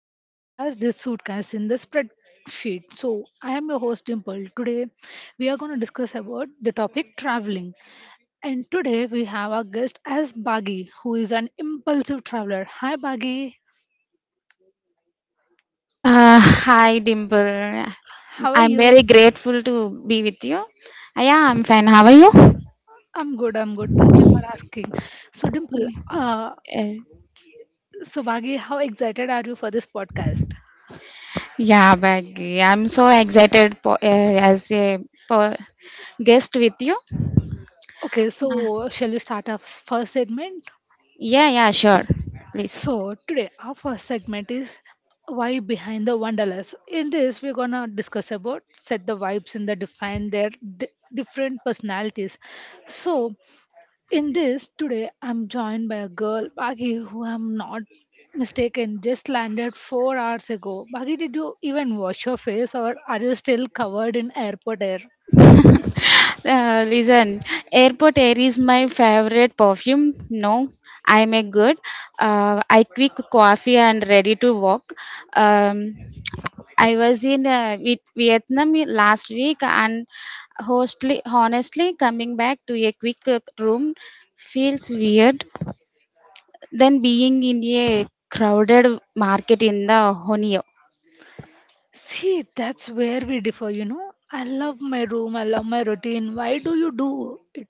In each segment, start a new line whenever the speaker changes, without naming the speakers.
to my podcast, The Suitcase in the Spreadsheet. So, I am your host Dimple. Today, we are going to discuss about the topic traveling. And today, we have our guest as Baggy, who is an impulsive traveler. Hi, Baggy.
Hi, Dimple.
How are
I'm very
you?
grateful to be with you. Yeah, I'm fine. How are you?
I'm good. I'm good. Thank you for asking. So, Dimple,
Yeah.
uh,
Uh,
so Baggy, how excited are you for this podcast?
yeah, Baggy, I'm so excited as a po- guest with you.
Okay,
Uh,
so shall we start our first segment?
yeah, sure. Please.
So today our first segment is why behind the wanderlust. In this, we're gonna discuss about set the vibes and the define their di- different personalities. So in this today, I'm joined by a girl, Baghi, who I'm not mistaken just landed 4 hours ago. Baghi, did you even wash your face, or are you still covered in airport air?
Listen, airport air is my favorite perfume. No, I make good. I quick coffee and ready to walk. Um, I was in Vietnam last week and honestly, coming back to a quick room feels weird than being in a crowded market in the Honio.
See, that's where we differ, you know. I love my room, I love my routine. Why do you do it?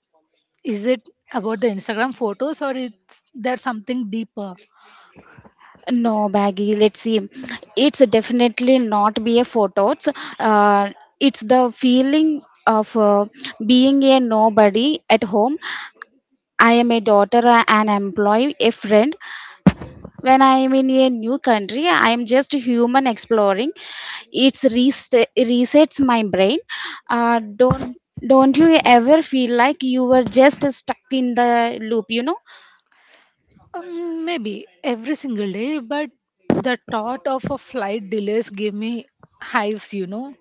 Is it about the Instagram photos or is there something deeper?
No, Baggy. Let's see. It's definitely not be a photos. Uh, it's the feeling of being a nobody at home. I am a daughter, an employee, a friend. When I am in a new country, I am just human exploring. It's resets my brain. Uh, don't don't you ever feel like you were just stuck in the loop? You know?
Maybe every single day, but the thought of a flight delays gave me hives, you know.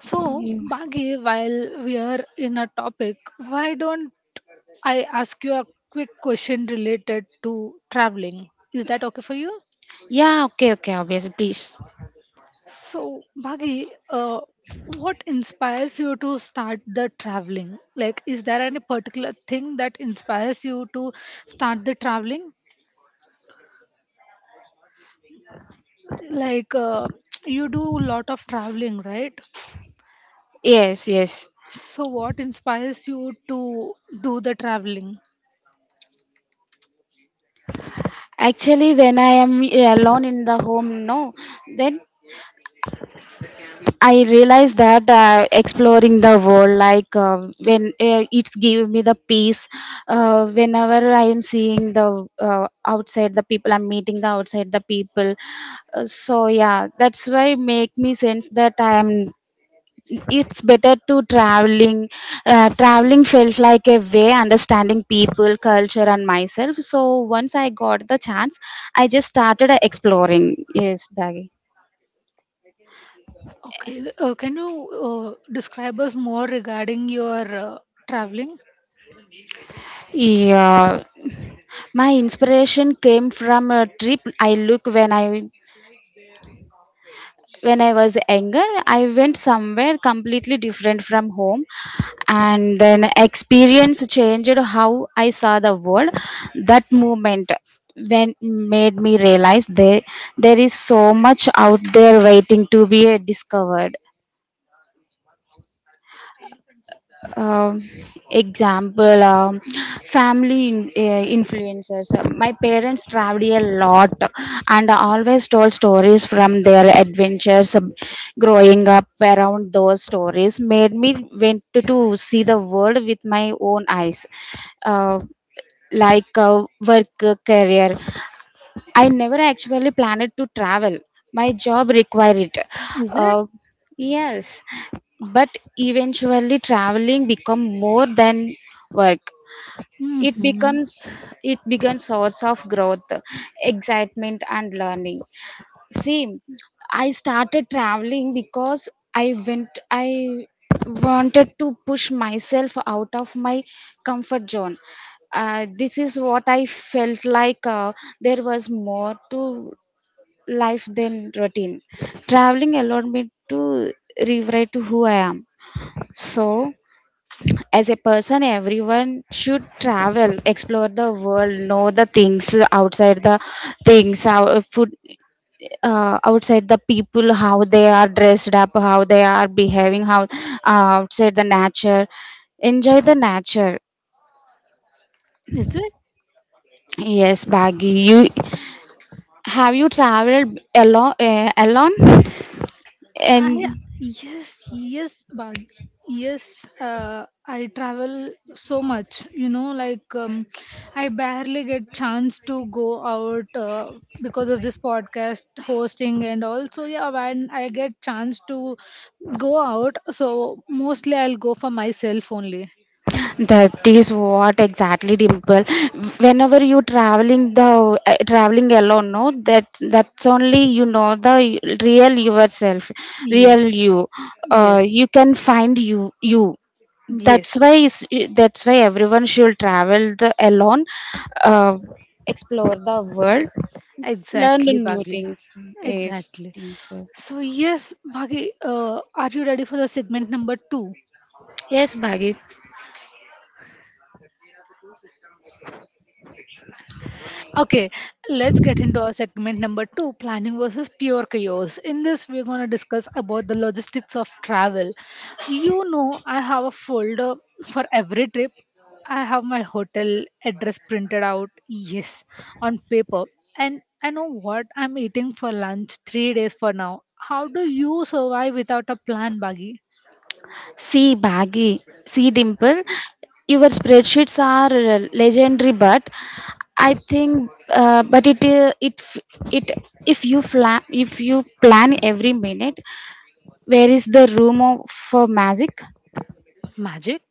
So,
Yeah.
Bagi, while we are in a topic, why don't I ask you a quick question related to traveling? Is that okay for you?
Yeah, okay. Okay. Obviously, please.
So, Bhagi, what inspires you to start the traveling? Like, is there any particular thing that inspires you to start the traveling? Like, you do a lot of traveling, right?
Yes, yes.
So, what inspires you to do the traveling?
Actually, when I am alone in the home, no, then I realize that exploring the world, like when it's give me the peace. Whenever I am seeing the outside the people, I'm meeting the outside the people. So yeah, that's why make me sense that I am it's better to traveling traveling felt like a way understanding people culture and myself. So once I got the chance, I just started exploring. Yes, Baggy.
Okay, can you describe us more regarding your traveling?
Yeah, my inspiration came from a trip I look when I was younger. I went somewhere completely different from home, and then experience changed how I saw the world. That moment when made me realize there is so much out there waiting to be discovered. um, Example, family in, influencers. My parents traveled a lot and always told stories from their adventures. Growing up around those stories made me went to see the world with my own eyes. uh, Work, career. I never actually planned to travel. My job required it.
Is it?
Uh, yes, but eventually traveling become more than work.
Hmm.
It becomes it becomes source of growth, excitement, and learning. See, I started traveling because I wanted to push myself out of my comfort zone. This is what I felt like there was more to life than routine. Traveling allowed me to rewrite who I am. So, as a person, everyone should travel, explore the world, know the things outside the things, our food, outside the people, how they are dressed up, how they are behaving, how outside the nature. Enjoy the nature.
Is it?
Yes, Baggy. You have you traveled alone? Alone?
I
And
yes yes but yes, uh, I travel so much, you know, like I barely get chance to go out because of this podcast hosting. And also yeah, when I get chance to go out, so mostly I'll go for myself only.
that is what exactly, Dimple. Whenever you traveling the traveling alone, no, that's only you know the real yourself, real
Yes.
you.
Yes.
You can find you. That's
Yes,
why is that's why everyone should travel the alone, uh, explore the world, learn the
exactly,
new
Baggy.
things. Yes,
Exactly.
Dimple.
So yes, Baggy, are you ready for the segment number 2?
Yes, Bhagit.
Okay, let's get into our segment number two, planning versus pure chaos. In this, we're going to discuss about the logistics of travel. You know, I have a folder for every trip, I have my hotel address printed out, yes, on paper. And I know what I'm eating for lunch 3 days for now. How do you survive without a plan, Baggy?
See Dimple, your spreadsheets are legendary, but I think, but it it f- it if if you plan every minute, where is the room for magic?
Magic?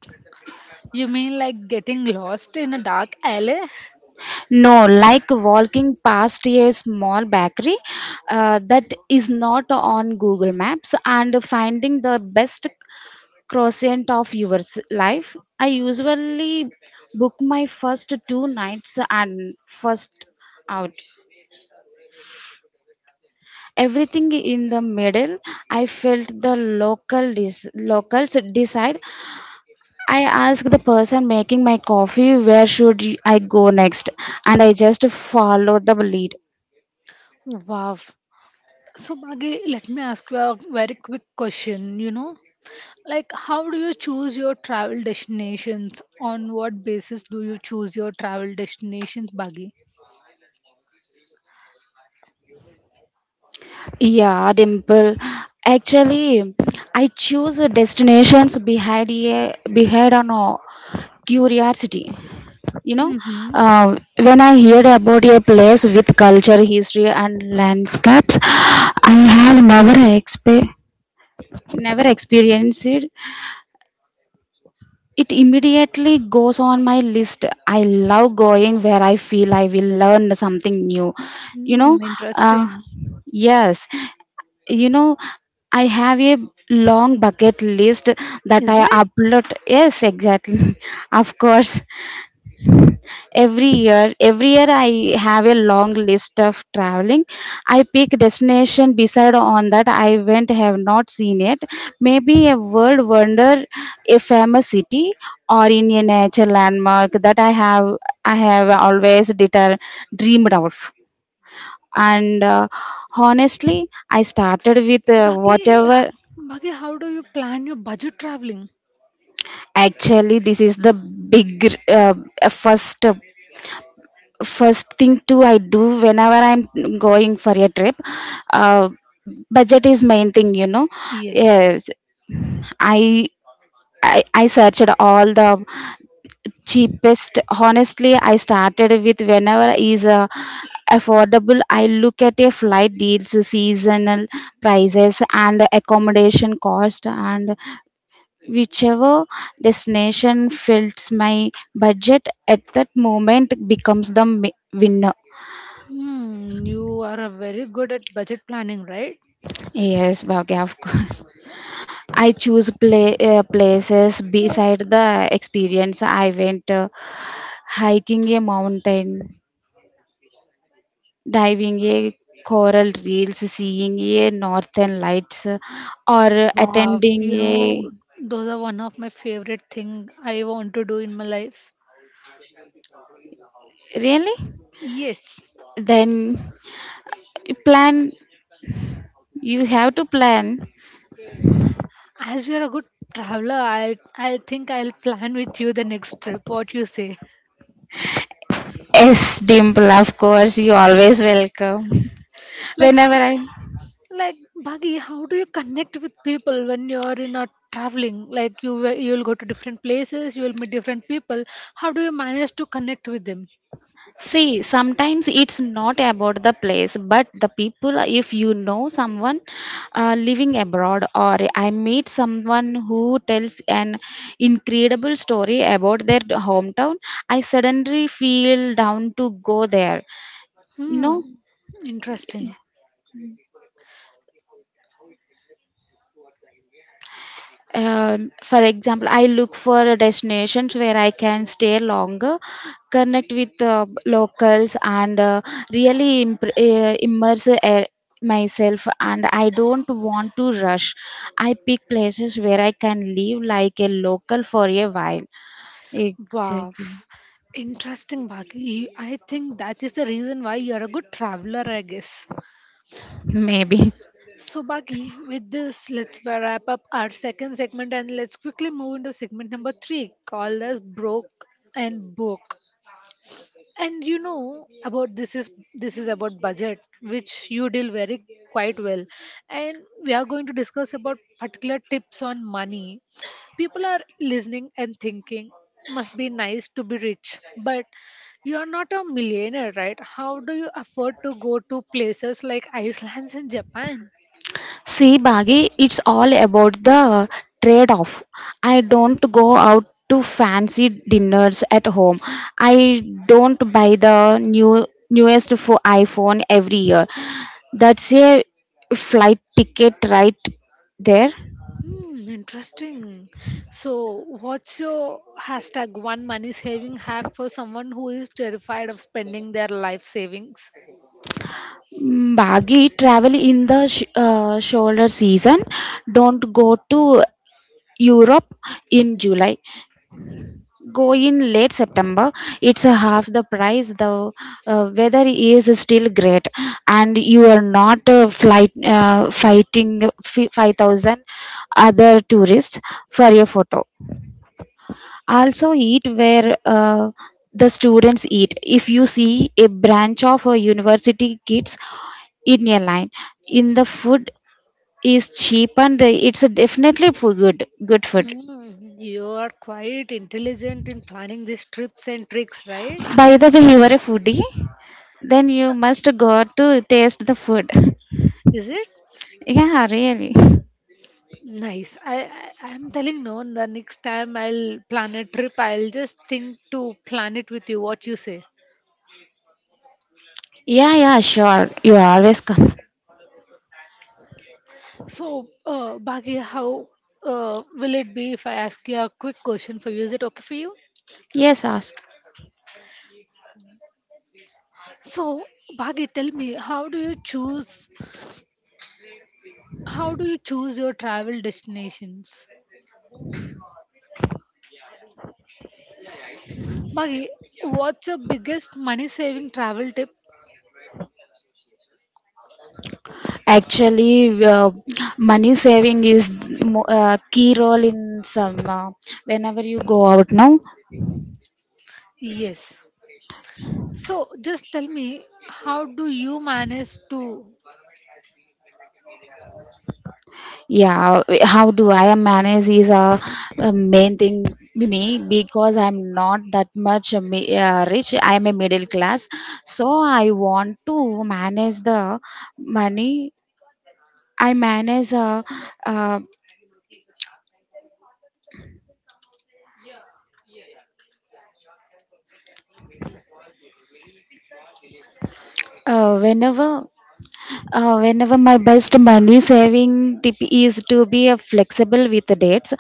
You mean like getting lost in a dark alley?
No, like walking past a small bakery that is not on Google Maps and finding the best crescent of life. I usually book my first two nights and first out. Everything in the middle, I felt the locals decide. I asked the person making my coffee where should I go next, and I just follow the lead.
Wow. So, Maggie, let me ask you a very quick question. You know, like how do you choose your travel destinations? On what basis do you choose your travel destinations, Baggy?
Yeah, Dimple. Actually, I choose destinations behind on a curiosity. You know,
Mm-hmm.
when I hear about a place with culture history and landscapes I have never never experienced it, it immediately goes on my list. I love going where I feel I will learn something new. You know,
Hmm,
uh,
interesting.
yes, you know, I have a long bucket list that
Is
I
it?
upload. Yes, exactly. Of course. Every year I have a long list of traveling. I pick destination beside on that I went have not seen it, maybe a world wonder, a famous city, or in a nature landmark that I have always dreamed of. And honestly I started with
बाकी
whatever.
Bhagya, how do you plan your budget traveling?
Actually, this is the big, first first thing too I do whenever I'm going for a trip. uh, Budget is main thing, you know.
Yes.
Yes. i I searched all the cheapest. Honestly, I started with whenever is affordable. I look at a flight deals, seasonal prices and accommodation cost, and whichever destination fits my budget at that moment becomes the winner.
Hmm, you are a very good at budget planning, right?
Yes, Bhavya, of course. I choose places
Right.
beside the experience. I went Hiking a mountain, diving a coral reefs, seeing a northern lights, or
Wow,
attending
you
a
know, those are one of my favorite thing I want to do in my life.
really.
Yes,
Then plan. You have to plan.
as you are a good traveler, I think I'll plan with you the next trip. What you say?
Yes, Dimple. Of course, you always welcome.
Like, h-
Whenever I
like, Buggy, how do you connect with people when you're in a traveling? Like you will go to different places, you will meet different people. How do you manage to connect with them?
see, sometimes it's not about the place, but the people. If you know someone living abroad, or I meet someone who tells an incredible story about their hometown, I suddenly feel down to go there. You know.
Hmm, interesting.
For example, I look for destinations where I can stay longer, connect with locals and really impr immerse myself, and I don't want to rush. I pick places where I can live like a local for a while.
Wow,
Exactly.
interesting, Baki. I think that is the reason why you are a good traveler, I guess.
Maybe.
So, Baki, with this, let's wrap up our second segment and let's quickly move into segment number three called as Broke and Book. And you know about this, is this is about budget, which you deal very quite well. And we are going to discuss about particular tips on money. People are listening and thinking, must be nice to be rich, but you are not a millionaire, right? How do you afford to go to places like Iceland and Japan?
See, Baggy, it's all about the trade off. I
Oh.
don't go out to fancy dinners at home. I don't buy the newest for iPhone every year. That's a flight ticket right there.
Hmm, interesting. So, what's your hashtag one money saving hack for someone who is terrified of spending their life savings?
Mm, Baggy, travel in the shoulder season. Don't go to Europe in July. Go in late September. It's a half the price. The weather is still great, and you are not flight fighting 5000 other tourists for a photo. Also eat where the students eat. If you see a branch of a university kids in a line in the food is cheap, and it's definitely for good food.
Mm, you are quite intelligent in planning these trips and tricks, right?
By the way, you are a foodie, then you must go to taste the food.
Is it?
Yeah, really.
Nice. I'm telling no. The next time I'll plan a trip, I'll just think to plan it with you. What you say?
Yeah, sure. You always come.
So, Bhagya, how will it be if I ask you a quick question for you? Is it okay for you?
Yes, ask.
So, Bhagya, tell me, how do you choose— how do you choose your travel destinations? Maggie, what's your biggest money saving travel tip?
Actually, money saving is key role in some. Whenever you go out now,
Yes. So just tell me, how do you manage to?
yeah, how do I manage is a main thing to me, because I'm not that much rich. I'm a middle class, so I want to manage the money. I manage uh, whenever Whenever, my best money saving tip is to be flexible with the dates,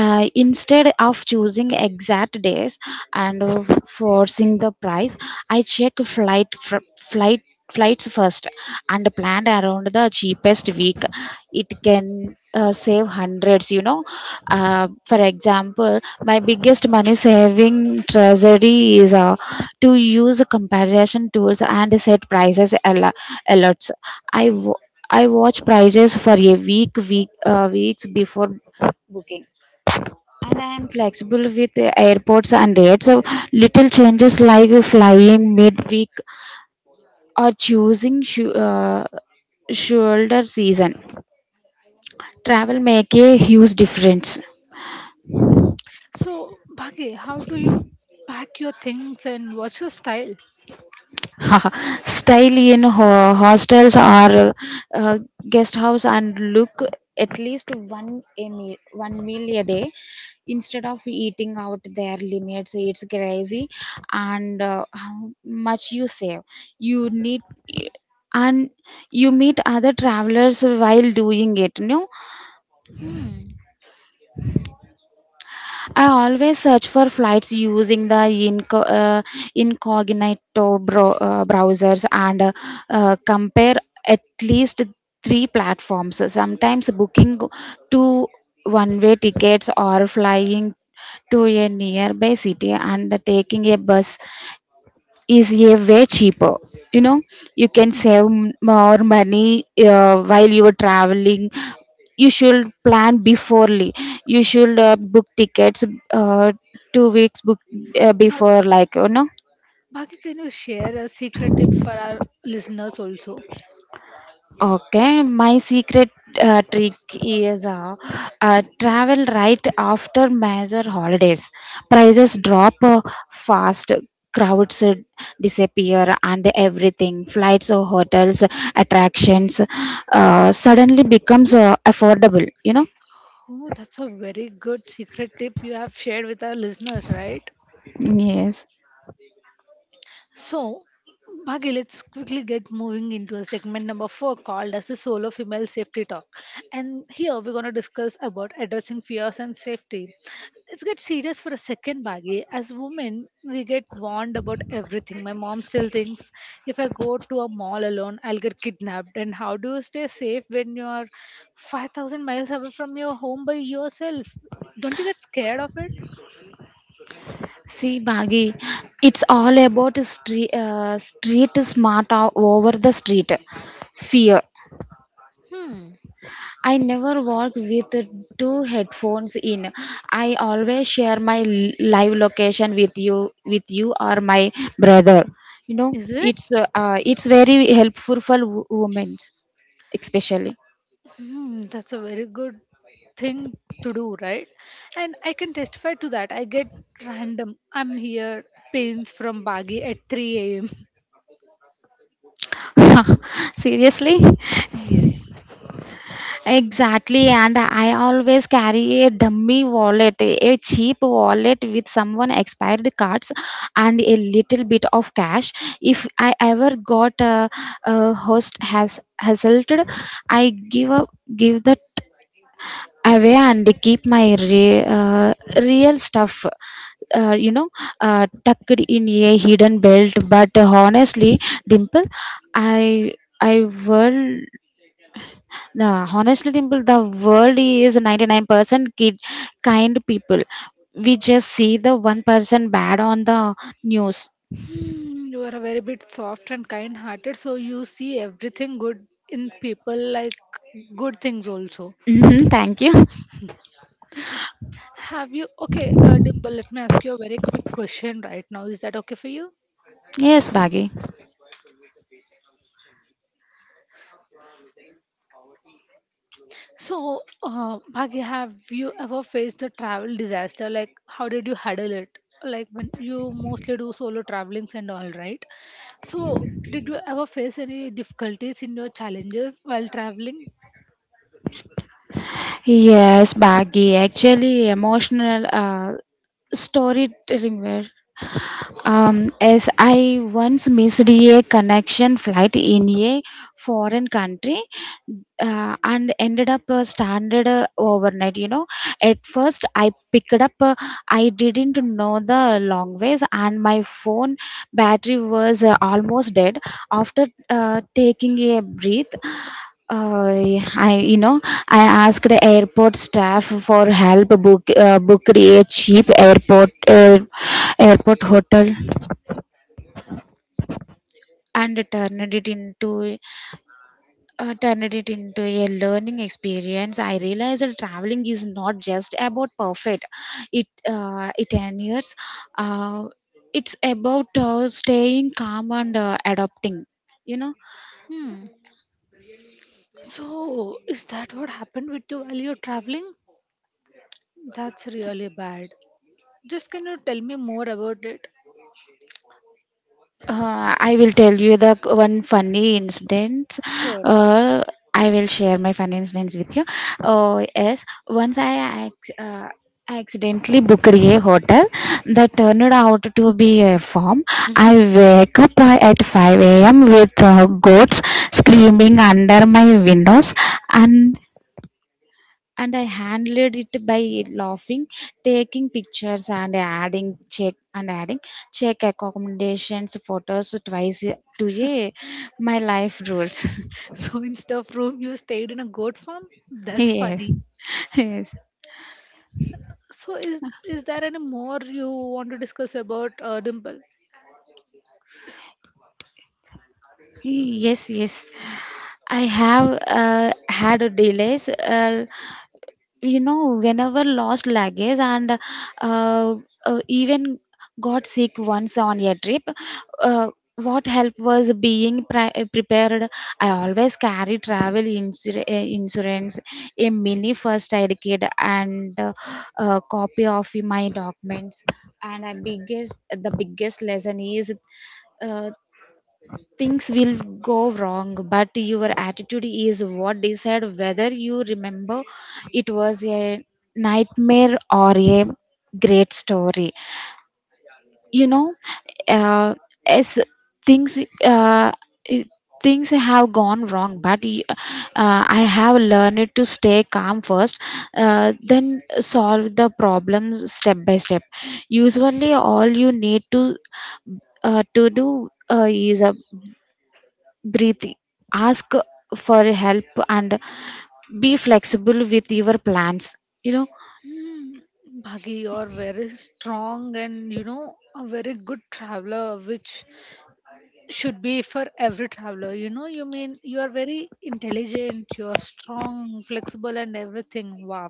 instead of choosing exact days and forcing the price. I check flights first and plan around the cheapest week. It can save hundreds, you know. For example, my biggest money saving tragedy is to use comparison tools and set prices alerts. I wa- I watch prices for a weeks before booking, and I am flexible with the airports and rates. So little changes like flying midweek or choosing shoulder season travel make a huge difference.
Hmm. So, Bhagi, how do you pack your things and what's your style?
Style in hostels or uh, guest house, and look at least one meal a day instead of eating out. Their limits, it's crazy. And how much you save you need, and you meet other travelers while doing it, no.
Hmm.
I always search for flights using the incognito browsers, and compare at least three platforms. Sometimes booking two one way tickets or flying to a nearby city and taking a bus is a way cheaper, you know. You can
Hmm.
save more money while you are traveling. You should plan beforely. You should book tickets, uh, 2 weeks book
Bhag-
before, like, you know.
Bhagya, can you share a secret tip for our listeners also?
Okay, my secret trick is travel right after major holidays. Prices drop fast, crowds disappear, and everything flights, hotels, attractions suddenly becomes affordable, you know?
Oh, that's a very good secret tip you have shared with our listeners, right?
Yes.
So, Bhagi, let's quickly get moving into a segment number four called as the solo female safety talk. And here we're going to discuss about addressing fears and safety. Let's get serious for a second, Bhagi. As women, we get warned about everything. My mom still thinks if I go to a mall alone, I'll get kidnapped. And how do you stay safe when you are 5,000 miles away from your home by yourself? Don't you get scared of it?
See, Bagi, it's all about street smart over the street fear.
Hmm.
I never walk with two headphones in. I always share my live location with you or my brother. You know,
Is it?
it's very helpful for women, especially.
Hmm, that's a very good thing to do, right? And I can testify to that. I get random. I'm here. Pains from Bagi at 3 a.m.
Seriously,
Yes.
exactly, and I always carry a dummy wallet, a cheap wallet with someone expired cards and a little bit of cash. If I ever got a host has hassled, I give up, give that away and keep my real stuff, you know, tucked in a hidden belt. But honestly, Dimple, i i will. Yeah, honestly, Dimple, the world is 99% kind people. We just see the one person bad on the news.
Hmm, you are a very bit soft and kind hearted, so you see everything good in people, like good things also.
Mhm. Thank you.
Have you okay, Dimple? Let me ask you a very quick question right now. Is that okay for you?
Yes, Baggy.
So, Bhagya, have you ever faced a travel disaster? Like, how did you handle it? Like, when you mostly do solo travelings and all, right? So, did you ever face any difficulties in your challenges while traveling?
Yes, Baggy. Actually, emotional storytelling. As I once missed a connection flight in a foreign country and ended up stranded overnight. At first I picked up, I didn't know the long ways, and my phone battery was almost dead. After taking a breath, I I asked the airport staff for help book booked a cheap airport hotel and turned it into a learning experience. I realized that traveling is not just about perfect it it enures uh, it's about staying calm and adapting. you know
Hmm. So, is that what happened with you while you're traveling? That's really bad. Just can you tell me more about it?
I will tell you the one funny incident.
Sure.
Uh, I will share my funny incidents with you. Oh yes, once I accidentally booked a hotel that turned out to be a farm. I wake up at 5 a.m. with goats screaming under my windows, and and I handled it by laughing, taking pictures, and adding check accommodations photos twice to a my life rules.
So instead of room, you stayed in a goat farm. That's
Yes,
funny.
yes.
So is there any more you want to discuss about Dimple?
Yes, yes. I have had delays. You know, whenever lost luggage, and uh, even got sick once on a trip. uh, what help was being prepared. I always carry travel insurance, a mini first aid kit, and a copy of my documents. And I biggest the biggest lesson is, uh, things will go wrong, but your attitude is what decide whether you remember it was a nightmare or a great story. you know uh, as things, uh, i- things have gone wrong, but I have learned to stay calm first, then solve the problems step by step. Usually all you need to do is, breathe, ask for help, and be flexible with your plans. you know
Hmm. Bhagi, you're very strong and you know a very good traveler, which should be for every traveler. You know, you mean you are very intelligent, you're strong, flexible, and everything. Wow.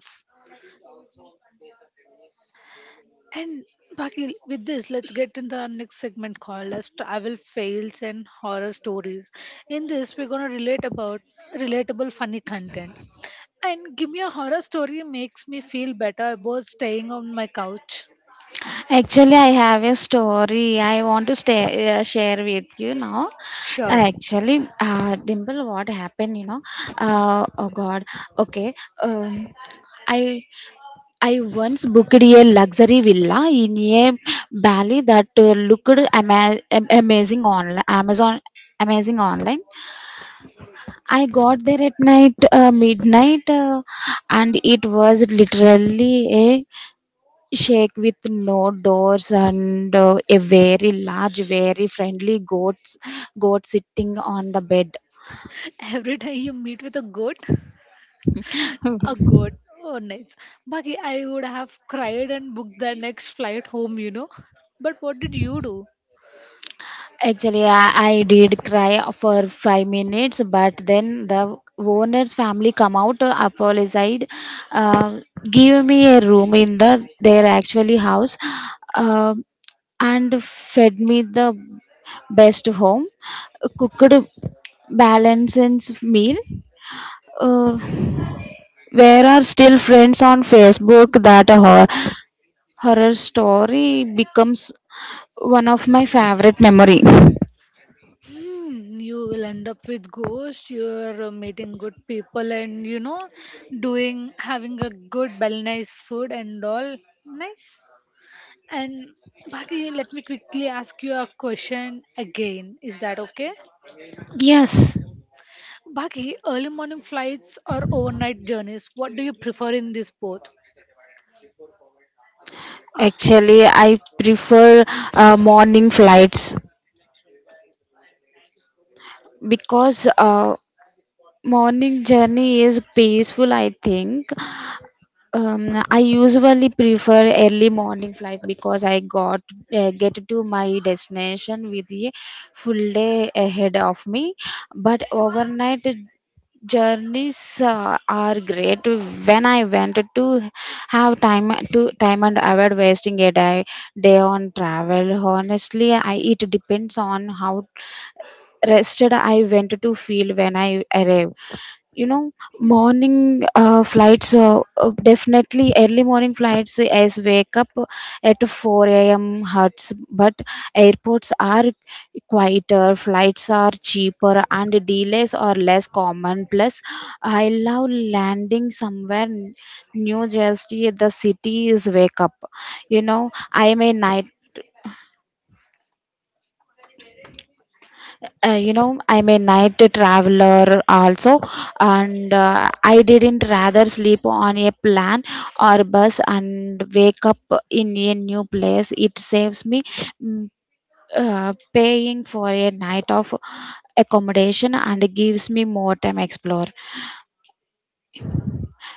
And Pakil, with this, let's get into our next segment called as travel fails and horror stories. In this, we're gonna relate about relatable funny content. And give me a horror story makes me feel better about staying on my couch.
Actually, I have a story I want to stay, share with you now.
Sure.
Actually, Dimple, what happened, oh god, okay, um, i I once booked a luxury villa in a valley that looked ama- am- amazing on Amazon amazing online. I got there at night, midnight, and it was literally a shake with no doors and a very large, very friendly goat sitting on the bed.
Every time you meet with a goat, a goat. Oh, nice. Baki, I would have cried and booked the next flight home, you know. But what did you do?
Actually, I did cry for 5 minutes, but then the owner's family come out, apologized, uh, give me a room in the their actually house, uh, and fed me the best home cooked balanced meal. Uh, where are still friends on Facebook. That horror story becomes one of my favorite memory.
Hmm, you will end up with ghosts. You are meeting good people, and you know, doing having a good, well, nice food and all. Nice. And Bhagi, let me quickly ask you a question again. Is that okay?
Yes.
Bhagi, early morning flights or overnight journeys? What do you prefer in this both?
Actually, I prefer morning flights because morning journey is peaceful, I think. I usually prefer early morning flights because I got get to my destination with a full day ahead of me. But overnight journeys are great. When I went to have time to time and avoid wasting a day on travel. Honestly, I, it depends on how rested I went to feel when I arrive. you know Morning flights, definitely early morning flights, as wake up at 4 a.m hurts, but airports are quieter, flights are cheaper, and delays are less common. Plus I love landing somewhere new jersey, the city is wake up. you know I am a night, I'm a night traveler also, and I didn't rather sleep on a plan or bus and wake up in a new place. It saves me mm, paying for a night of accommodation and gives me more time explore.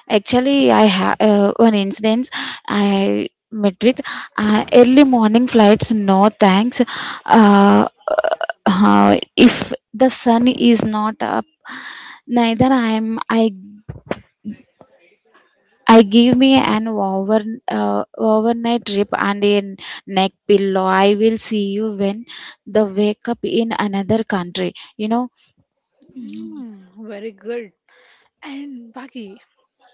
Actually, I have one incident I met with. Early morning flights, no thanks. Uh, if the sun is not up, neither I am. I give me an overnight trip and a neck pillow. I will see you when the wake up in another country.
Hmm, very good. And Baki,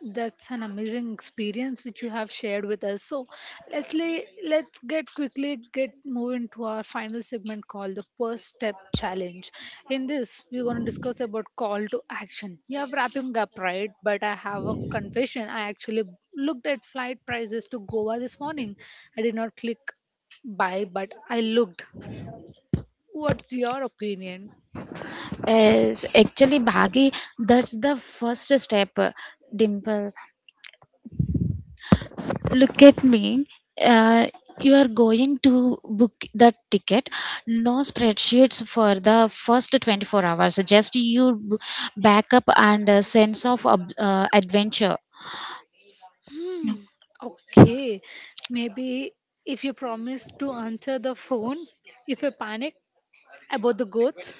that's an amazing experience which you have shared with us. So let's get quickly get move into our final segment called the first step challenge. In this, we're gonna discuss about call to action. Yeah, wrapping up right, but I have a confession. I actually looked at flight prices to Goa this morning. I did not click buy, but I looked. What's your opinion?
Is actually Bhagi. That's the first step. Dimple. Look at me. Uh, you are going to book the ticket. No spreadsheets for the first 24 hours. Just you backup and a sense of adventure.
Hmm. Okay. Maybe if you promise to answer the phone if I panic about the goats.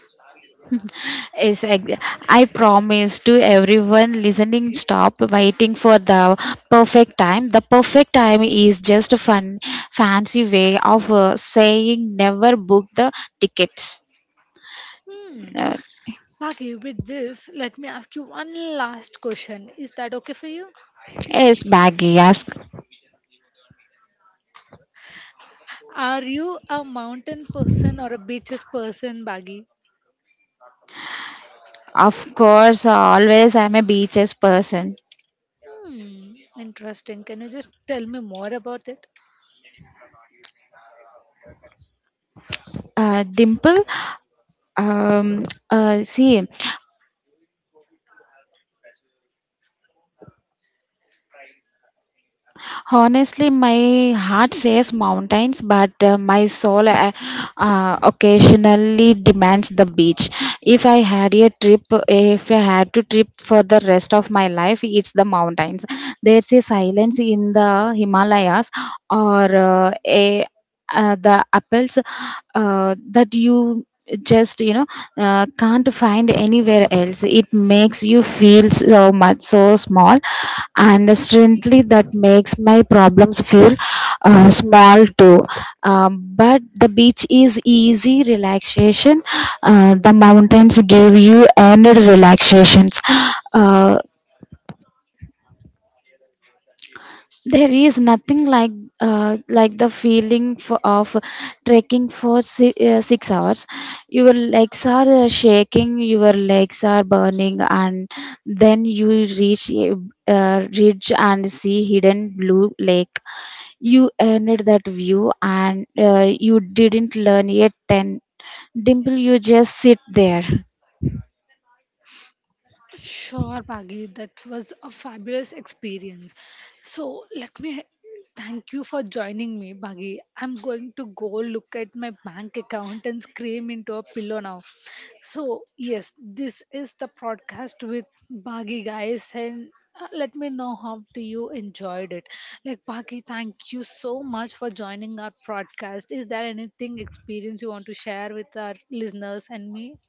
Yes, I promise to everyone listening, stop waiting for the perfect time. The perfect time is just a fancy way of saying never book the tickets.
Hmm.
Uh,
Maggie, with this, let me ask you one last question. Is that okay for you?
yes, Baggy, ask.
Are you a mountain person or a beaches person, Baggy?
Of course, always I'm a beaches person.
Hmm, interesting. Can you just tell me more about it?
Dimple, um, see. Honestly, my heart says mountains, but my soul occasionally demands the beach. If I had a trip, if I had to trip for the rest of my life, it's the mountains. There's a silence in the Himalayas or a the apples that you just, can't find anywhere else. It makes you feel so much, so small, and strangely that makes my problems feel small too. But the beach is easy relaxation. The mountains give you ended relaxations. uh, there is nothing like like the feeling for, of trekking for 6 hours. Your legs are shaking, your legs are burning, and then you reach a ridge and see hidden blue lake. You earned that view and you didn't learn yet. Then, Dimple, you just sit there.
Sure, Pagi, that was a fabulous experience. So let me thank you for joining me, Pagi. I'm going to go look at my bank account and scream into a pillow now. So yes, this is the podcast with Bagi guys, and let me know how do you enjoyed it. Like Bagi, thank you so much for joining our podcast. Is there anything experience you want to share with our listeners and me?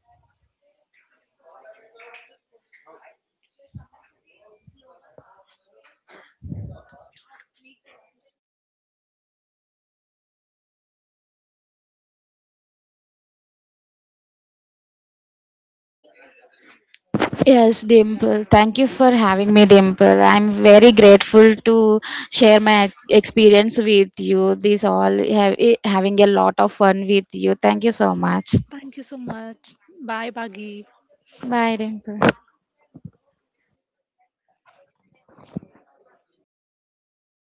Yes, Dimple. Thank you for having me, Dimple. I'm very grateful to share my experience with you. This all have, eh, having a lot of fun with you. Thank you so much.
Thank you so much. Bye, Bagi.
Bye, Dimple.